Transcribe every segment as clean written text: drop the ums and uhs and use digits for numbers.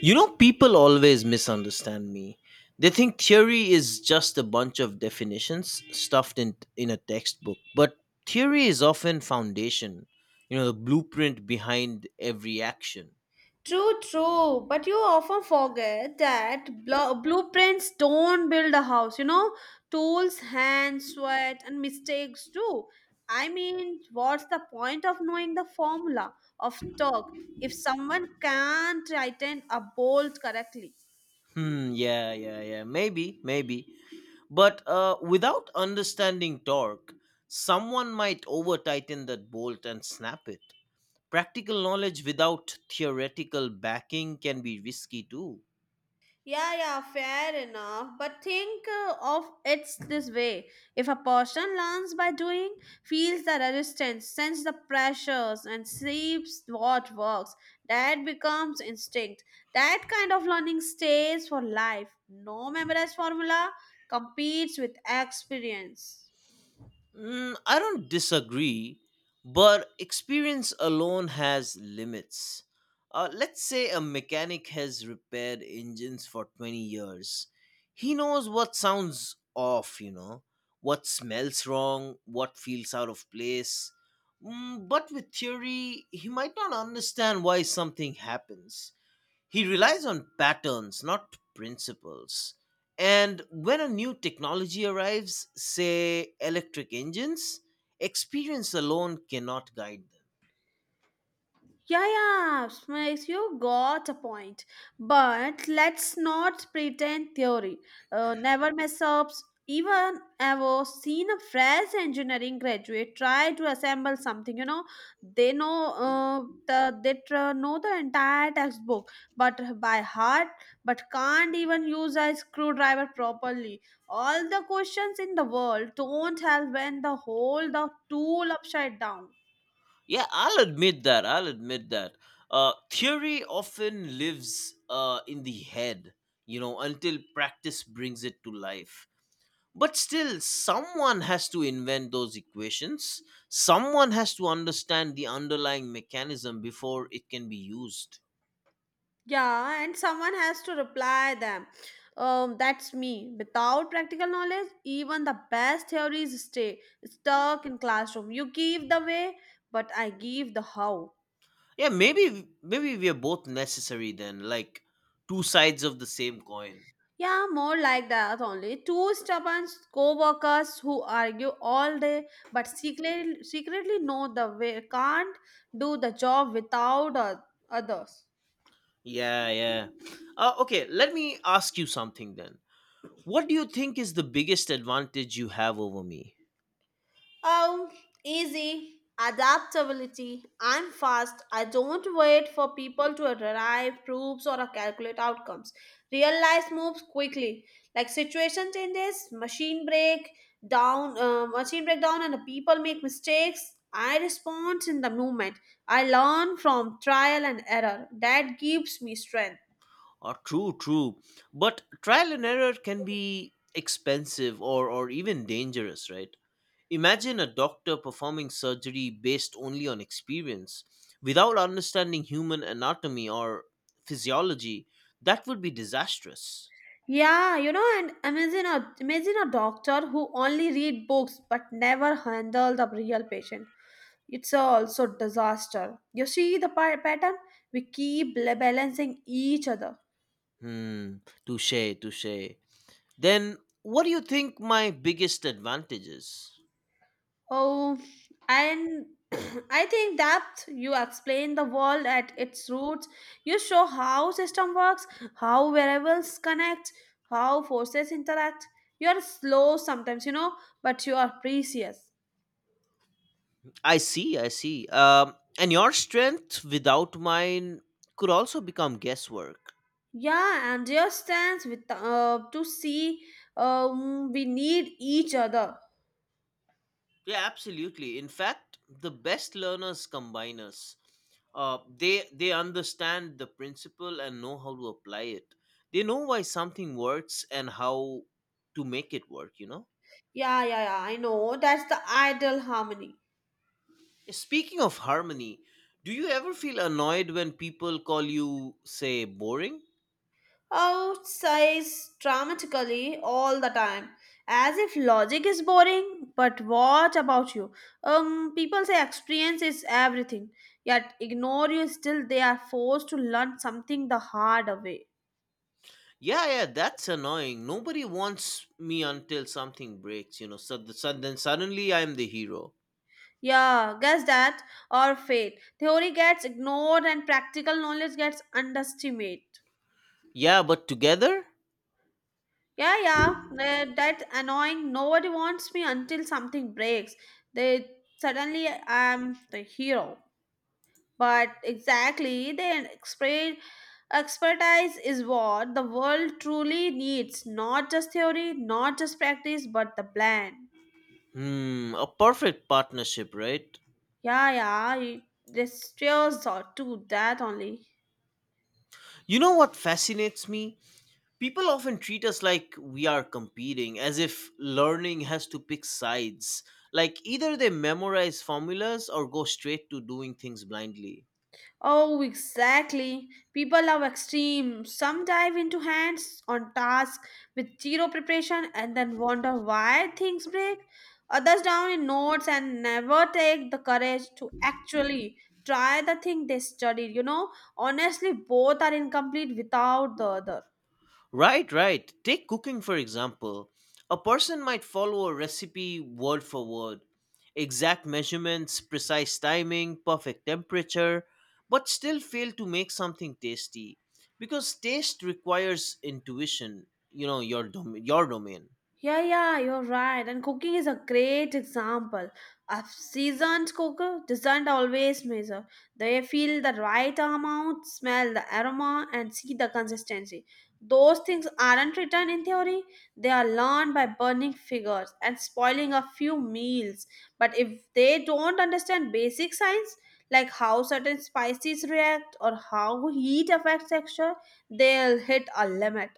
You know, people always misunderstand me. They think theory is just a bunch of definitions stuffed in a textbook, but theory is often foundation, you know, the blueprint behind every action. True, true. But you often forget that blueprints don't build a house, you know? Tools, hands, sweat, and mistakes do. I mean, what's the point of knowing the formula of torque if someone can't tighten a bolt correctly? Yeah, yeah, yeah, maybe, maybe. But without understanding torque, someone might over tighten that bolt and snap it. Practical knowledge without theoretical backing can be risky too. Yeah, yeah, fair enough. But think of it's this way. If a person learns by doing, feels the resistance, senses the pressures, and sees what works, that becomes instinct. That kind of learning stays for life. No memorized formula competes with experience. I don't disagree, but experience alone has limits. Let's say a mechanic has repaired engines for 20 years. He knows what sounds off, you know, what smells wrong, what feels out of place. But with theory, he might not understand why something happens. He relies on patterns, not principles. And when a new technology arrives, say electric engines, experience alone cannot guide them. Yeah, yeah, Smash, you got a point. But let's not pretend theory. Never mess ups. Even ever seen a fresh engineering graduate try to assemble something. They know the entire textbook, but by heart, but can't even use a screwdriver properly. All the questions in the world don't help when the whole the tool upside down. Yeah, I'll admit that. I'll admit that. Theory often lives in the head, you know, until practice brings it to life. But still, someone has to invent those equations. Someone has to understand the underlying mechanism before it can be used. Yeah, and someone has to reply them. That's me. Without practical knowledge, even the best theories stay stuck in classroom. You give the way, but I give the how. Yeah, maybe we are both necessary then, like two sides of the same coin. Yeah, more like that only. Two stubborn co-workers who argue all day but secretly know the way can't do the job without others. Yeah, yeah. Okay, let me ask you something then. What do you think is the biggest advantage you have over me? Oh, easy, adaptability. I'm fast. I don't wait for people to arrive, proofs, or calculate outcomes. Real life moves quickly. Like situation changes, machine breakdown, and the people make mistakes. I respond in the moment. I learn from trial and error. That gives me strength. True, true. But trial and error can be expensive or even dangerous, right? Imagine a doctor performing surgery based only on experience without understanding human anatomy or physiology. That would be disastrous. Yeah, and imagine a doctor who only read books but never handle the real patient. It's a also disaster. You see the pattern? We keep balancing each other. Hmm. Touche, touche. Then what do you think my biggest advantage is? Oh, and I think that you explain the world at its roots. You show how system works, how variables connect, how forces interact. You are slow sometimes, but you are precious. I see, I see. And your strength without mine could also become guesswork. Yeah, and just stands with to see we need each other. Yeah, absolutely. In fact, the best learners combine us. They understand the principle and know how to apply it. They know why something works and how to make it work. You know. Yeah, yeah, yeah, I know. That's the ideal harmony. Speaking of harmony, do you ever feel annoyed when people call you, say, boring? Oh, it says dramatically all the time. As if logic is boring, but what about you? People say experience is everything, yet ignore you still they are forced to learn something the hard way. Yeah, yeah, that's annoying. Nobody wants me until something breaks, you know. So, so then suddenly I'm the hero. Yeah, guess that or fate. Theory gets ignored and practical knowledge gets underestimated. Yeah, but together? Yeah, yeah, that annoying. Nobody wants me until something breaks. They suddenly I'm the hero. But exactly, their expertise is what the world truly needs. Not just theory, not just practice, but the plan. Hmm, a perfect partnership, right? Yeah, yeah, this tears or to that only. You know what fascinates me? People often treat us like we are competing, as if learning has to pick sides. Like either they memorize formulas or go straight to doing things blindly. Oh, exactly. People love extreme. Some dive into hands on task with zero preparation and then wonder why things break. Others down in notes and never take the courage to actually try the thing they studied. Honestly, both are incomplete without the other. Right, right. Take cooking, for example. A person might follow a recipe word for word, exact measurements, precise timing, perfect temperature, but still fail to make something tasty because taste requires intuition, you know, your domain. Yeah, yeah, you're right. And cooking is a great example. A seasoned cooker doesn't always measure. They feel the right amount, smell the aroma, and see the consistency. Those things aren't written in theory, they are learned by burning figures and spoiling a few meals. But if they don't understand basic science, like how certain spices react or how heat affects texture, they'll hit a limit.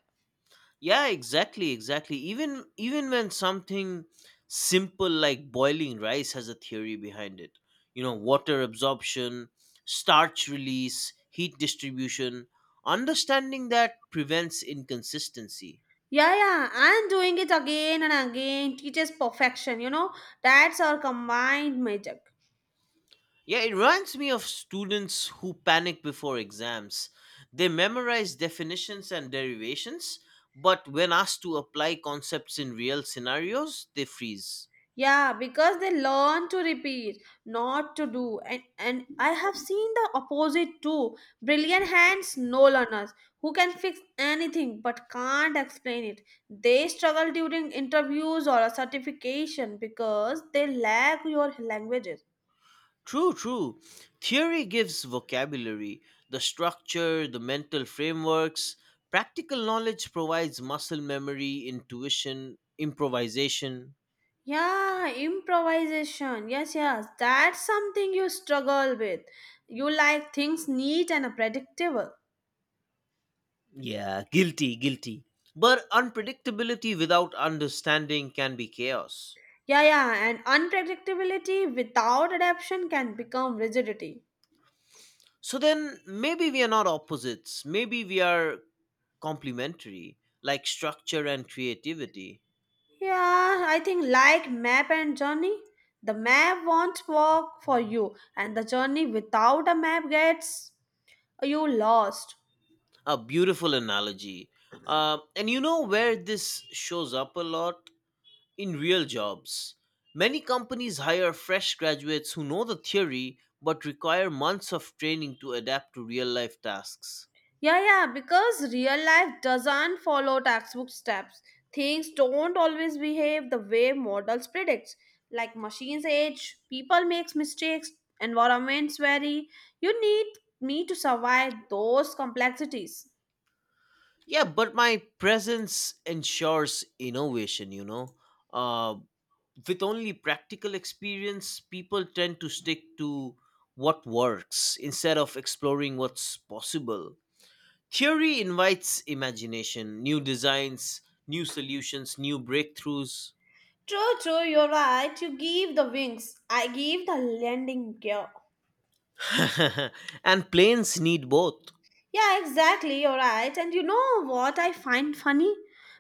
Yeah, exactly, even when something simple like boiling rice has a theory behind it, you know, water absorption, starch release, heat distribution. Understanding that prevents inconsistency. Yeah, yeah, and doing it again and again teaches perfection. That's our combined magic. Yeah, it reminds me of students who panic before exams. They memorize definitions and derivations, but when asked to apply concepts in real scenarios, they freeze. Yeah, because they learn to repeat, not to do. And I have seen the opposite too. Brilliant hands, no learners, who can fix anything but can't explain it. They struggle during interviews or a certification because they lack your languages. True, true. Theory gives vocabulary, the structure, the mental frameworks. Practical knowledge provides muscle memory, intuition, improvisation. Yeah, improvisation. Yes, yes. That's something you struggle with. You like things neat and predictable. Yeah, guilty, guilty. But unpredictability without understanding can be chaos. Yeah, yeah. And unpredictability without adaptation can become rigidity. So then maybe we are not opposites, maybe we are complementary, like structure and creativity. Yeah, I think like map and journey. The map won't work for you, and the journey without a map gets you lost. A beautiful analogy. And you know where this shows up a lot? In real jobs, many companies hire fresh graduates who know the theory but require months of training to adapt to real life tasks. Yeah, yeah, because real life doesn't follow textbook steps. Things don't always behave the way models predict. Like machines age, people make mistakes, environments vary. You need me to survive those complexities. Yeah, but my presence ensures innovation, you know. Uh, with only practical experience, people tend to stick to what works instead of exploring what's possible. Theory invites imagination, new designs, new solutions, new breakthroughs. True, true, you're right. You give the wings. I give the landing gear. And planes need both. Yeah, exactly. You're right. And you know what I find funny?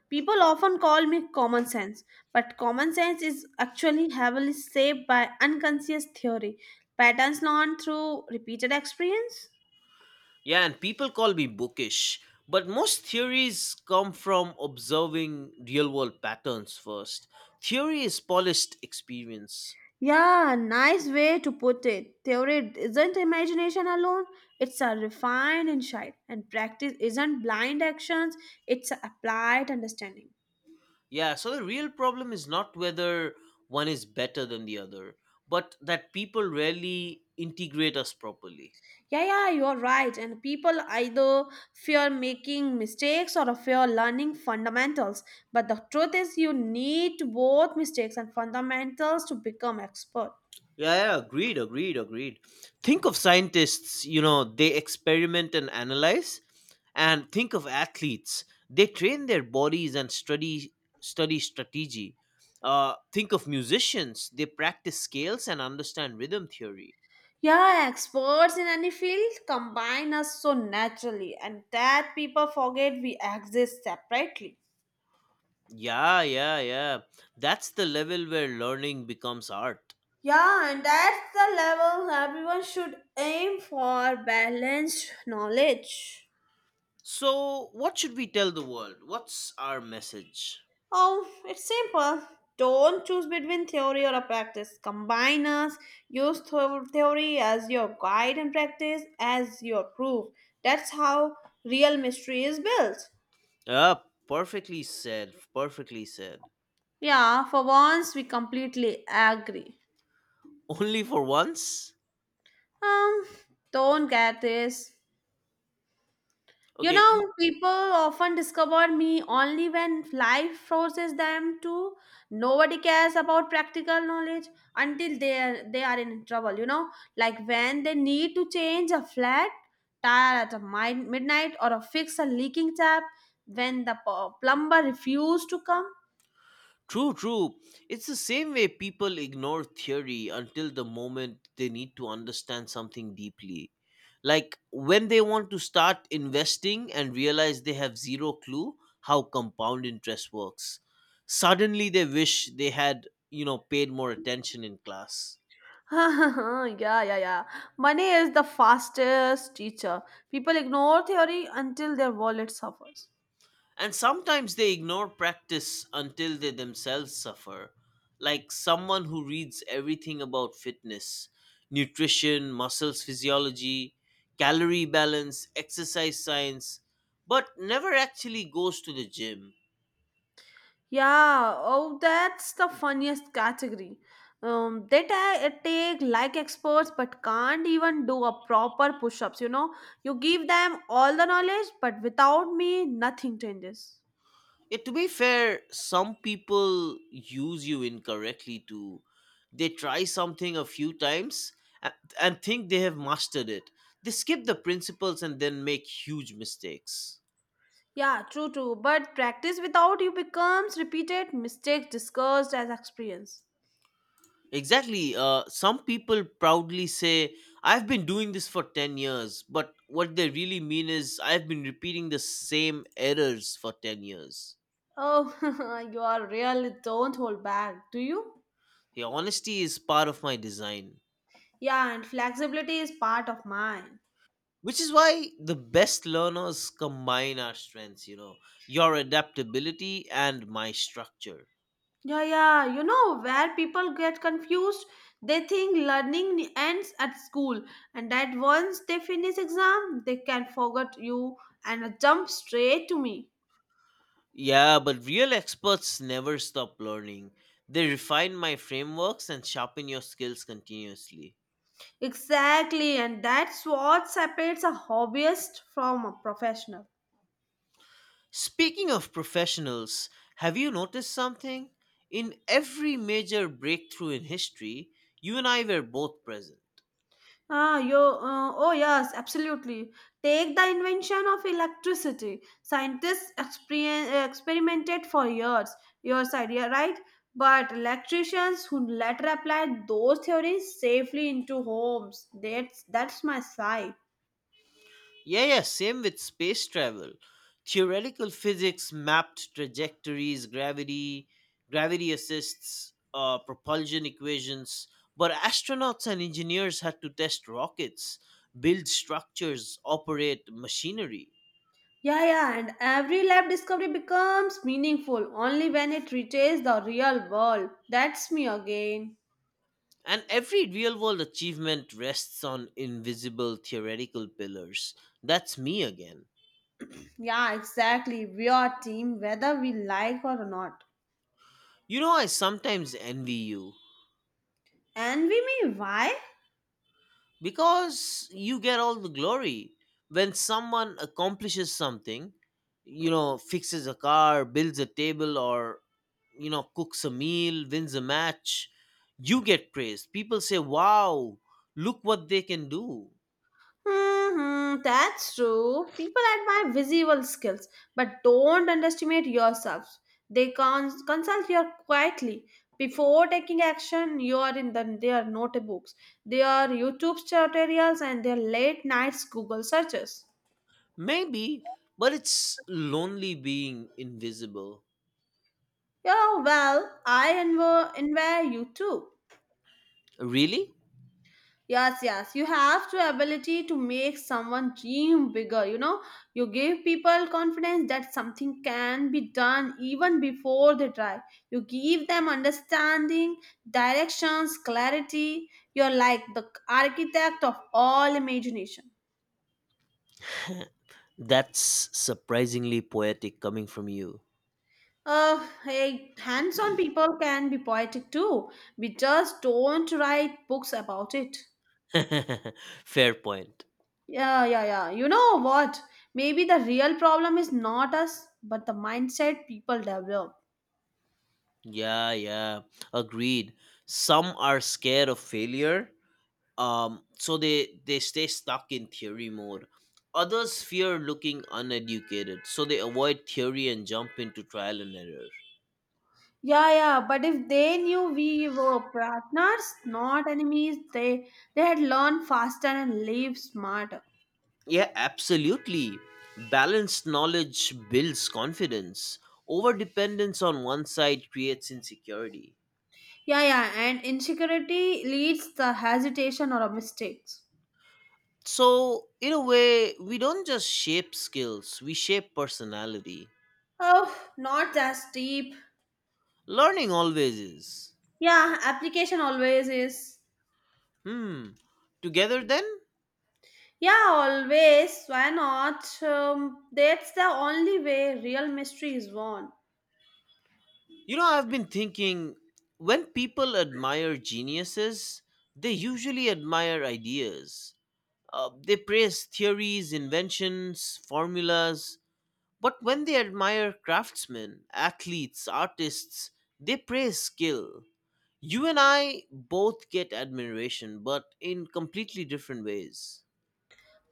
People often call me common sense, but common sense is actually heavily shaped by unconscious theory, patterns learned through repeated experience. Yeah, and people call me bookish, but most theories come from observing real world patterns first. Theory is polished experience. Yeah, nice way to put it. Theory isn't imagination alone, it's a refined insight, and practice isn't blind actions, it's applied understanding. Yeah, so the real problem is not whether one is better than the other, but that people rarely integrate us properly. Yeah, yeah, you're right. And people either fear making mistakes or fear learning fundamentals. But the truth is, you need both mistakes and fundamentals to become expert. Yeah, yeah, agreed, agreed, agreed. Think of scientists, you know, they experiment and analyze, and think of athletes. They train their bodies and study strategy. Think of musicians. They practice scales and understand rhythm theory. Yeah, experts in any field combine us so naturally, and that people forget we exist separately. Yeah, yeah, yeah. That's the level where learning becomes art. Yeah, and that's the level everyone should aim for balanced knowledge. So, what should we tell the world? What's our message? Oh, it's simple. Don't choose between theory or a practice. Combine us. Use theory as your guide and practice as your proof. That's how real mystery is built. Ah, perfectly said. Perfectly said. Yeah, for once we completely agree. Only for once? Um, don't get this. Okay, People often discover me only when life forces them to. Nobody cares about practical knowledge until they are in trouble. Like when they need to change a flat tire at a midnight or a fix a leaking tap when the plumber refused to come. true, true. It's the same way people ignore theory until the moment they need to understand something deeply. Like when they want to start investing and realize they have zero clue how compound interest works. Suddenly they wish they had, you know, paid more attention in class. Yeah, yeah, yeah. Money is the fastest teacher. People ignore theory until their wallet suffers. And sometimes they ignore practice until they themselves suffer, like someone who reads everything about fitness, nutrition, muscles physiology, calorie balance, exercise science, but never actually goes to the gym. Yeah, oh, that's the funniest category. They take like experts but can't even do a proper push ups. You give them all the knowledge, but without me, nothing changes. Yet, to be fair, some people use you incorrectly too. They try something a few times a- and think they have mastered it. They skip the principles and then make huge mistakes. Yeah, true, true. But practice without you becomes repeated mistakes discussed as experience. Exactly. Some people proudly say, I've been doing this for 10 years, but what they really mean is, I've been repeating the same errors for 10 years. Oh, you are really don't hold back, do you? The honesty is part of my design, Yeah, and flexibility is part of mine. which is why the best learners combine our strengths, you know, your adaptability and my structure. Yeah, yeah. Where people get confused, they think learning ends at school, and that once they finish exam, they can forget you and jump straight to me. Yeah, but real experts never stop learning. They refine my frameworks and sharpen your skills continuously. Exactly, and that's what separates a hobbyist from a professional. Speaking of professionals, have you noticed something? In every major breakthrough in history, you and I were both present. Ah, yo, oh yes, absolutely. Take the invention of electricity. Scientists experimented for years, years idea, right? But electricians who later applied those theories safely into homes. That's my side. Yeah, yeah, same with space travel. Theoretical physics mapped trajectories, gravity assists, propulsion equations, but astronauts and engineers had to test rockets, build structures, operate machinery. Yeah, yeah, and every lab discovery becomes meaningful only when it reaches the real world. That's me again. And every real world achievement rests on invisible theoretical pillars. That's me again. Yeah, exactly. We are team whether we like or not. You know, I sometimes envy you And we may why? because you get all the glory. When someone accomplishes something, you know, fixes a car, builds a table, or, you know, cooks a meal, wins a match, you get praised. People say, wow, look what they can do. That's true. People admire visual skills, but don't underestimate yourselves. They consult you quietly. Before taking action, you are in their notebooks, their YouTube tutorials, and their late nights Google searches. Maybe, but it's lonely being invisible. Yeah, well, I envy you too. Really? Yes, yes. You have the ability to make someone dream bigger. You give people confidence that something can be done even before they try. You give them understanding, directions, clarity. You're like the architect of all imagination. That's surprisingly poetic coming from you. Hey, hands on people can be poetic too. We just don't write books about it. Fair point. Yeah, yeah, yeah. You know what? Maybe the real problem is not us, but the mindset people develop. Yeah, yeah. Agreed. Some are scared of failure, so they stay stuck in theory mode. Others fear looking uneducated, so they avoid theory and jump into trial and error. Yeah, yeah. But if they knew we were partners, not enemies, they had learned faster and live smarter. Yeah, absolutely. Balanced knowledge builds confidence. Overdependence on one side creates insecurity. Yeah, yeah. And insecurity leads the hesitation or mistakes. So, in a way, we don't just shape skills, we shape personality. Oh, not as deep. Learning always is. Yeah, application always is. Hmm. Together then? Yeah, always. Why not? That's the only way real mystery is won. You know, I've been thinking when people admire geniuses, they usually admire ideas. They praise theories, inventions, formulas. But when they admire craftsmen, athletes, artists, they praise skill. You and I both get admiration, but in completely different ways.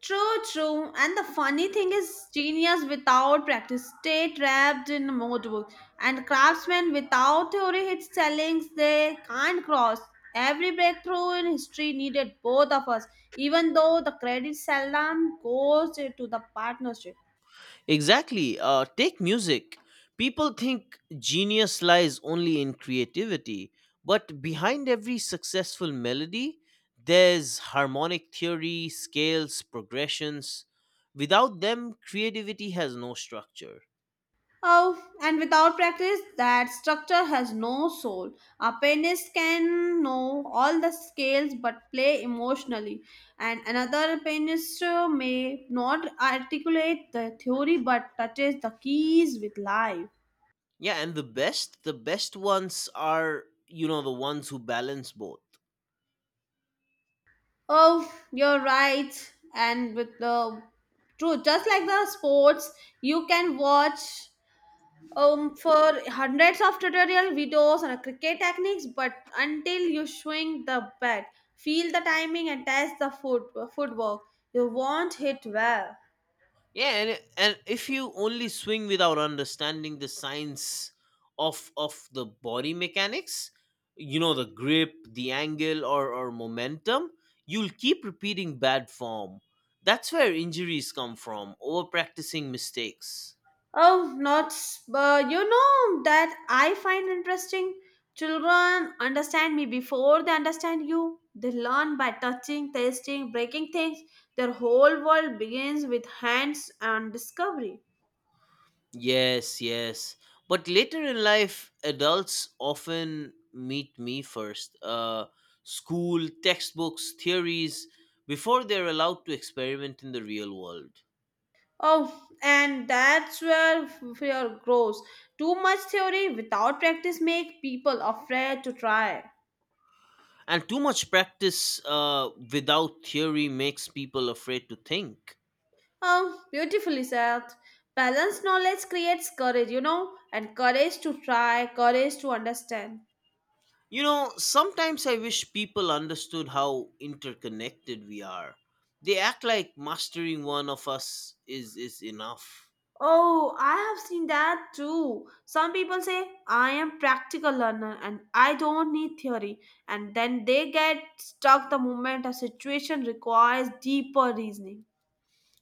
True, true. And the funny thing is, genius without practice stay trapped in mode book. And craftsmen without theory hits sellings they can't cross. Every breakthrough in history needed both of us, even though the credit seldom goes to the partnership. Exactly. Take music. People think genius lies only in creativity, but behind every successful melody, there's harmonic theory, scales, progressions. Without them, creativity has no structure. Oh, and without practice, that structure has no soul. A pianist can know all the scales but play emotionally, and another pianist may not articulate the theory but touches the keys with life. Yeah, and the best ones are, you know, the ones who balance both. Oh, you're right. And with the true, just like the sports, you can watch. For hundreds of tutorial videos on cricket techniques, but until you swing the bat, feel the timing, and test the footwork, you won't hit well. Yeah, and if you only swing without understanding the science of the body mechanics, you know the grip, the angle, or momentum, you'll keep repeating bad form. That's where injuries come from, over practicing mistakes. Oh, not s- you know that I find interesting, children understand me before they understand you. They learn by touching, tasting, breaking things. Their whole world begins with hands and discovery. Yes, yes. But later in life, adults often meet me first. School, textbooks, theories, before they're allowed to experiment in the real world. Oh, and that's where fear grows. Too much theory without practice make people afraid to try. And too much practice without theory makes people afraid to think. Oh, beautifully said. Balanced knowledge creates courage, and courage to try, courage to understand. You know, sometimes I wish people understood how interconnected we are. They act like mastering one of us is enough. Oh, I have seen that too. Some people say, I am practical learner and I don't need theory. And then they get stuck the moment a situation requires deeper reasoning.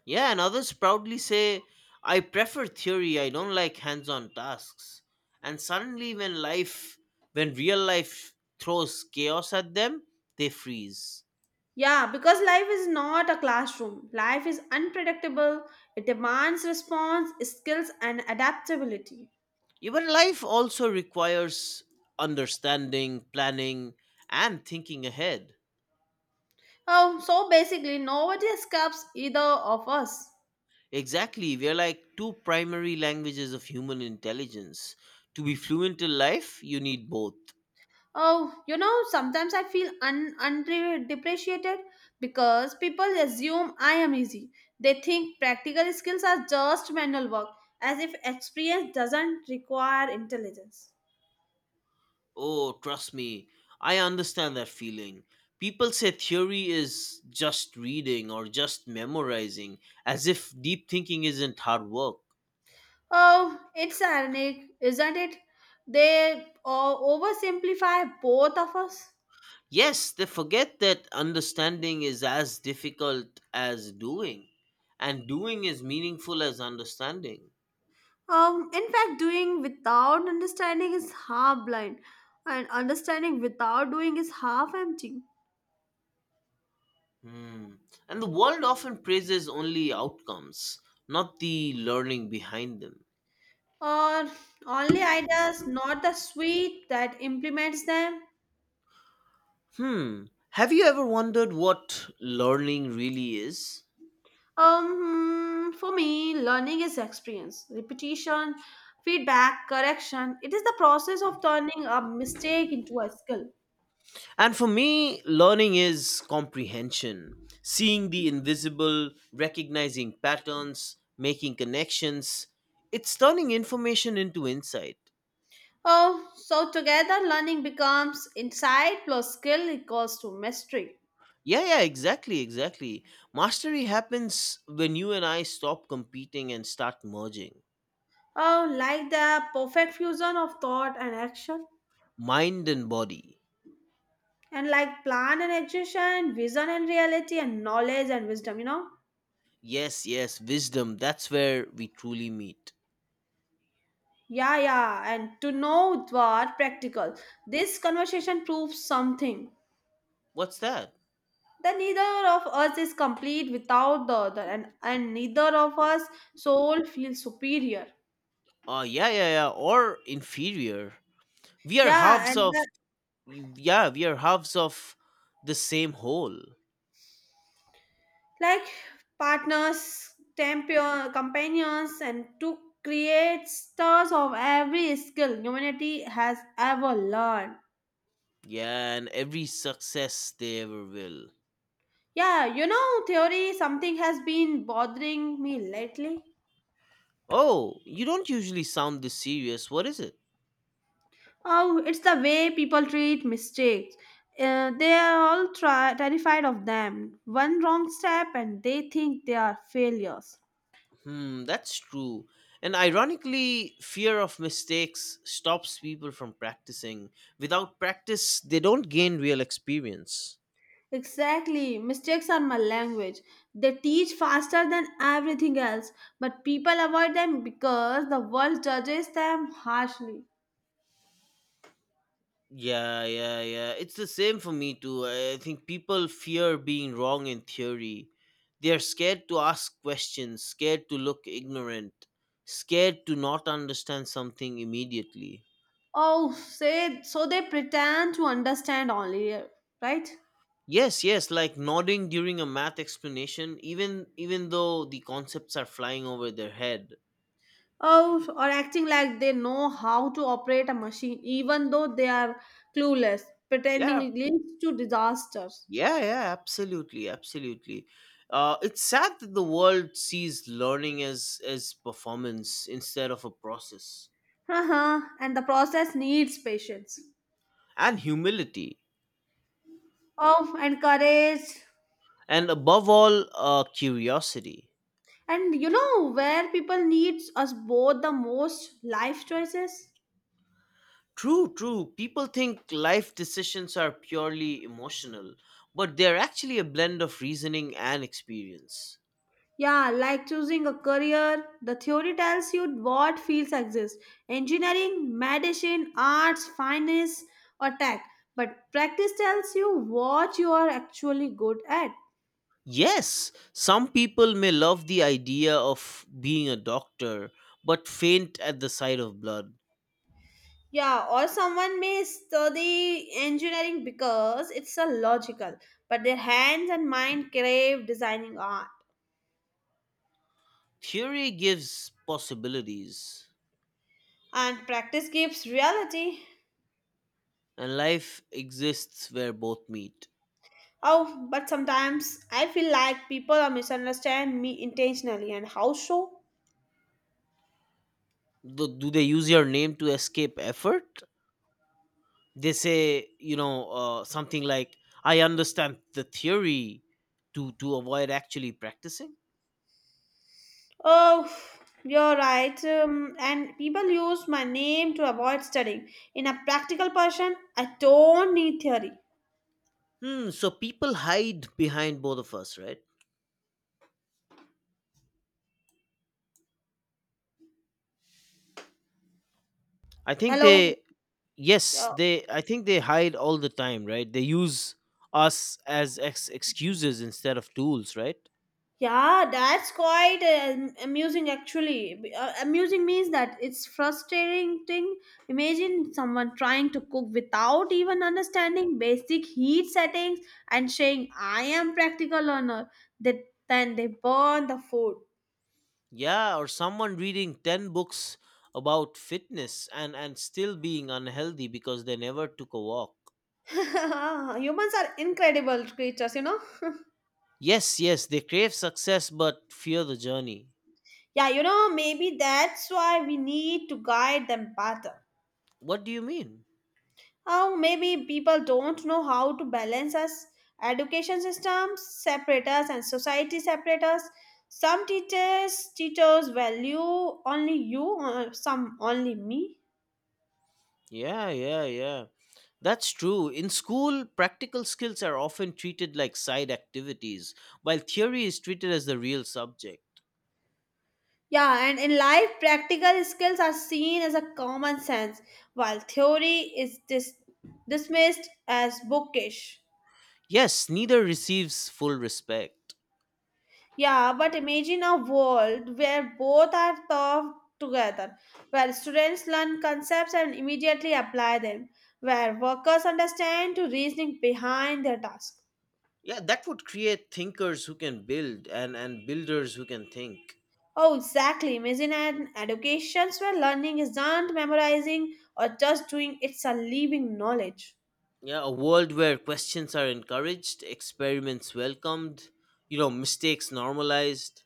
Yeah, and others proudly say, I prefer theory, I don't like hands on tasks. And suddenly, when real life throws chaos at them, they freeze. Yeah, because life is not a classroom. Life is unpredictable. It demands response, skills, and adaptability. Even life also requires understanding, planning, and thinking ahead. Oh, so basically, nobody escapes either of us. Exactly, we're like two primary languages of human intelligence. To be fluent in life, you need both. Oh, sometimes I feel underdepreciated because people assume I am easy. They think practical skills are just manual work, as if experience doesn't require intelligence. Oh, trust me, I understand that feeling. People say theory is just reading or just memorizing, as if deep thinking isn't hard work. Oh, it's ironic, isn't it? They oversimplify both of us. Yes, they forget that understanding is as difficult as doing, and doing is meaningful as understanding. In fact, doing without understanding is half blind, and understanding without doing is half empty. Hmm. And the world often praises only outcomes, not the learning behind them. Or only ideas, not the suite that implements them. Hmm. Have you ever wondered what learning really is? For me, learning is experience, repetition, feedback, correction. It is the process of turning a mistake into a skill. And for me, learning is comprehension, seeing the invisible, recognizing patterns, making connections. It's turning information into insight. Oh, so together learning becomes insight plus skill equals to mastery. Yeah, yeah, exactly, exactly. Mastery happens when you and I stop competing and start merging Oh, like the perfect fusion of thought and action. mind and body. And like plan and execution, vision and reality, and knowledge and wisdom. Yes, yes, wisdom. That's where we truly meet. Yeah, yeah, and to know what practical. This conversation proves something. What's that? That neither of us is complete without the other, and neither of us soul feels superior. Yeah, yeah, yeah. Or inferior. We are Yeah, halves and of, the yeah, we are halves of the same whole. like partners, champion, companions, and to create stars of every skill humanity has ever learned. Yeah, and every success they ever will. Theory, something has been bothering me lately. Oh, you don't usually sound this serious. What is it? Oh, it's the way people treat mistakes. They are terrified of them. One wrong step and they think they are failures. Hmm, that's true. And ironically, fear of mistakes stops people from practicing. Without practice, they don't gain real experience. Exactly. Mistakes are my language. They teach faster than everything else, but people avoid them because the world judges them harshly. Yeah, yeah, yeah. It's the same for me too. I think people fear being wrong in theory. They're scared to ask questions, scared to look ignorant, scared to not understand something immediately. Oh, say so they pretend to understand only, right? Yes, yes, like nodding during a math explanation even though the concepts are flying over their head. Oh, or acting like they know how to operate a machine even though they are clueless. Yeah, Pretending leads to disasters. Yeah, yeah, absolutely, absolutely. It's sad that the world sees learning as performance instead of a process, Haha, and the process needs patience. and humility, Oh, and courage. and above all, curiosity. And where people needs us both the most life choices? True, true. People think life decisions are purely emotional, but they're actually a blend of reasoning and experience. Yeah, like choosing a career, the theory tells you what fields exist engineering, medicine, arts, finance, or tech. But practice tells you what you are actually good at. Yes, some people may love the idea of being a doctor, but faint at the sight of blood. Yeah, or someone may study engineering because it's a logical, but their hands and mind crave designing art. Theory gives possibilities, And practice gives reality. and life exists where both meet. Oh, but sometimes I feel like people are misunderstand me intentionally, and how so? Do they use your name to escape effort? They say, you know, something like, I understand the theory to avoid actually practicing. Oh, you're right. And people use my name to avoid studying. In a practical person, I don't need theory. Hmm, so people hide behind both of us, right? I think Hello. they, yes, uh, they, I think they hide all the time, right? They use us as excuses instead of tools, right? Yeah, that's quite amusing actually. Amusing means that it's frustrating thing. Imagine someone trying to cook without even understanding basic heat settings and saying, I am practical learner. They, then they burn the food. Yeah, or someone reading 10 books about fitness and still being unhealthy because they never took a walk. Humans are incredible creatures. Yes, yes, they crave success but fear the journey. Yeah, maybe that's why we need to guide them better. What do you mean? How maybe people don't know how to balance us education systems separate us and society separate us. Some teachers value only you, or some only me. Yeah, yeah, yeah. That's true. In school, practical skills are often treated like side activities, while theory is treated as the real subject. Yeah, and in life, practical skills are seen as a common sense, while theory is dismissed as bookish. Yes, neither receives full respect. Yeah, but imagine a world where both are taught together, where students learn concepts and immediately apply them, where workers understand the reasoning behind their task. Yeah, that would create thinkers who can build and builders who can think. Oh, exactly. Imagine an education where learning isn't memorizing or just doing, it's a living knowledge. Yeah, a world where questions are encouraged, experiments welcomed, you know, mistakes normalized.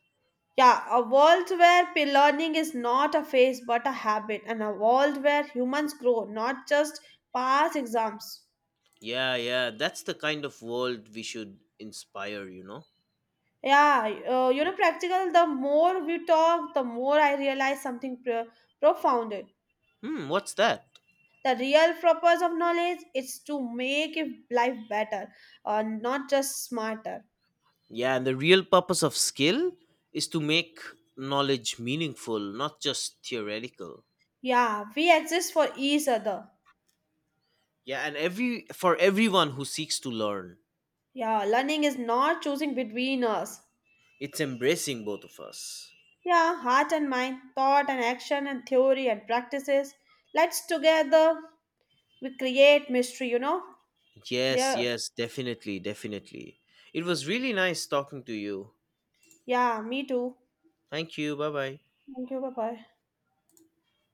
Yeah, a world where learning is not a phase but a habit, and a world where humans grow, not just pass exams. Yeah, yeah, that's the kind of world we should inspire, you know. Yeah, practical, the more we talk, the more I realize something profound. Hmm, what's that? The real purpose of knowledge is to make it life better, not just smarter. Yeah, and the real purpose of skill is to make knowledge meaningful, not just theoretical. Yeah, we exist for each other. Yeah, and every for everyone who seeks to learn, Yeah, learning is not choosing between us. it's embracing both of us. Yeah, heart and mind, thought and action and theory and practices. Let's together we create mystery. Yes, Yeah, yes, definitely, definitely. It was really nice talking to you. yeah, me too. Thank you. Bye-bye. Thank you, bye bye.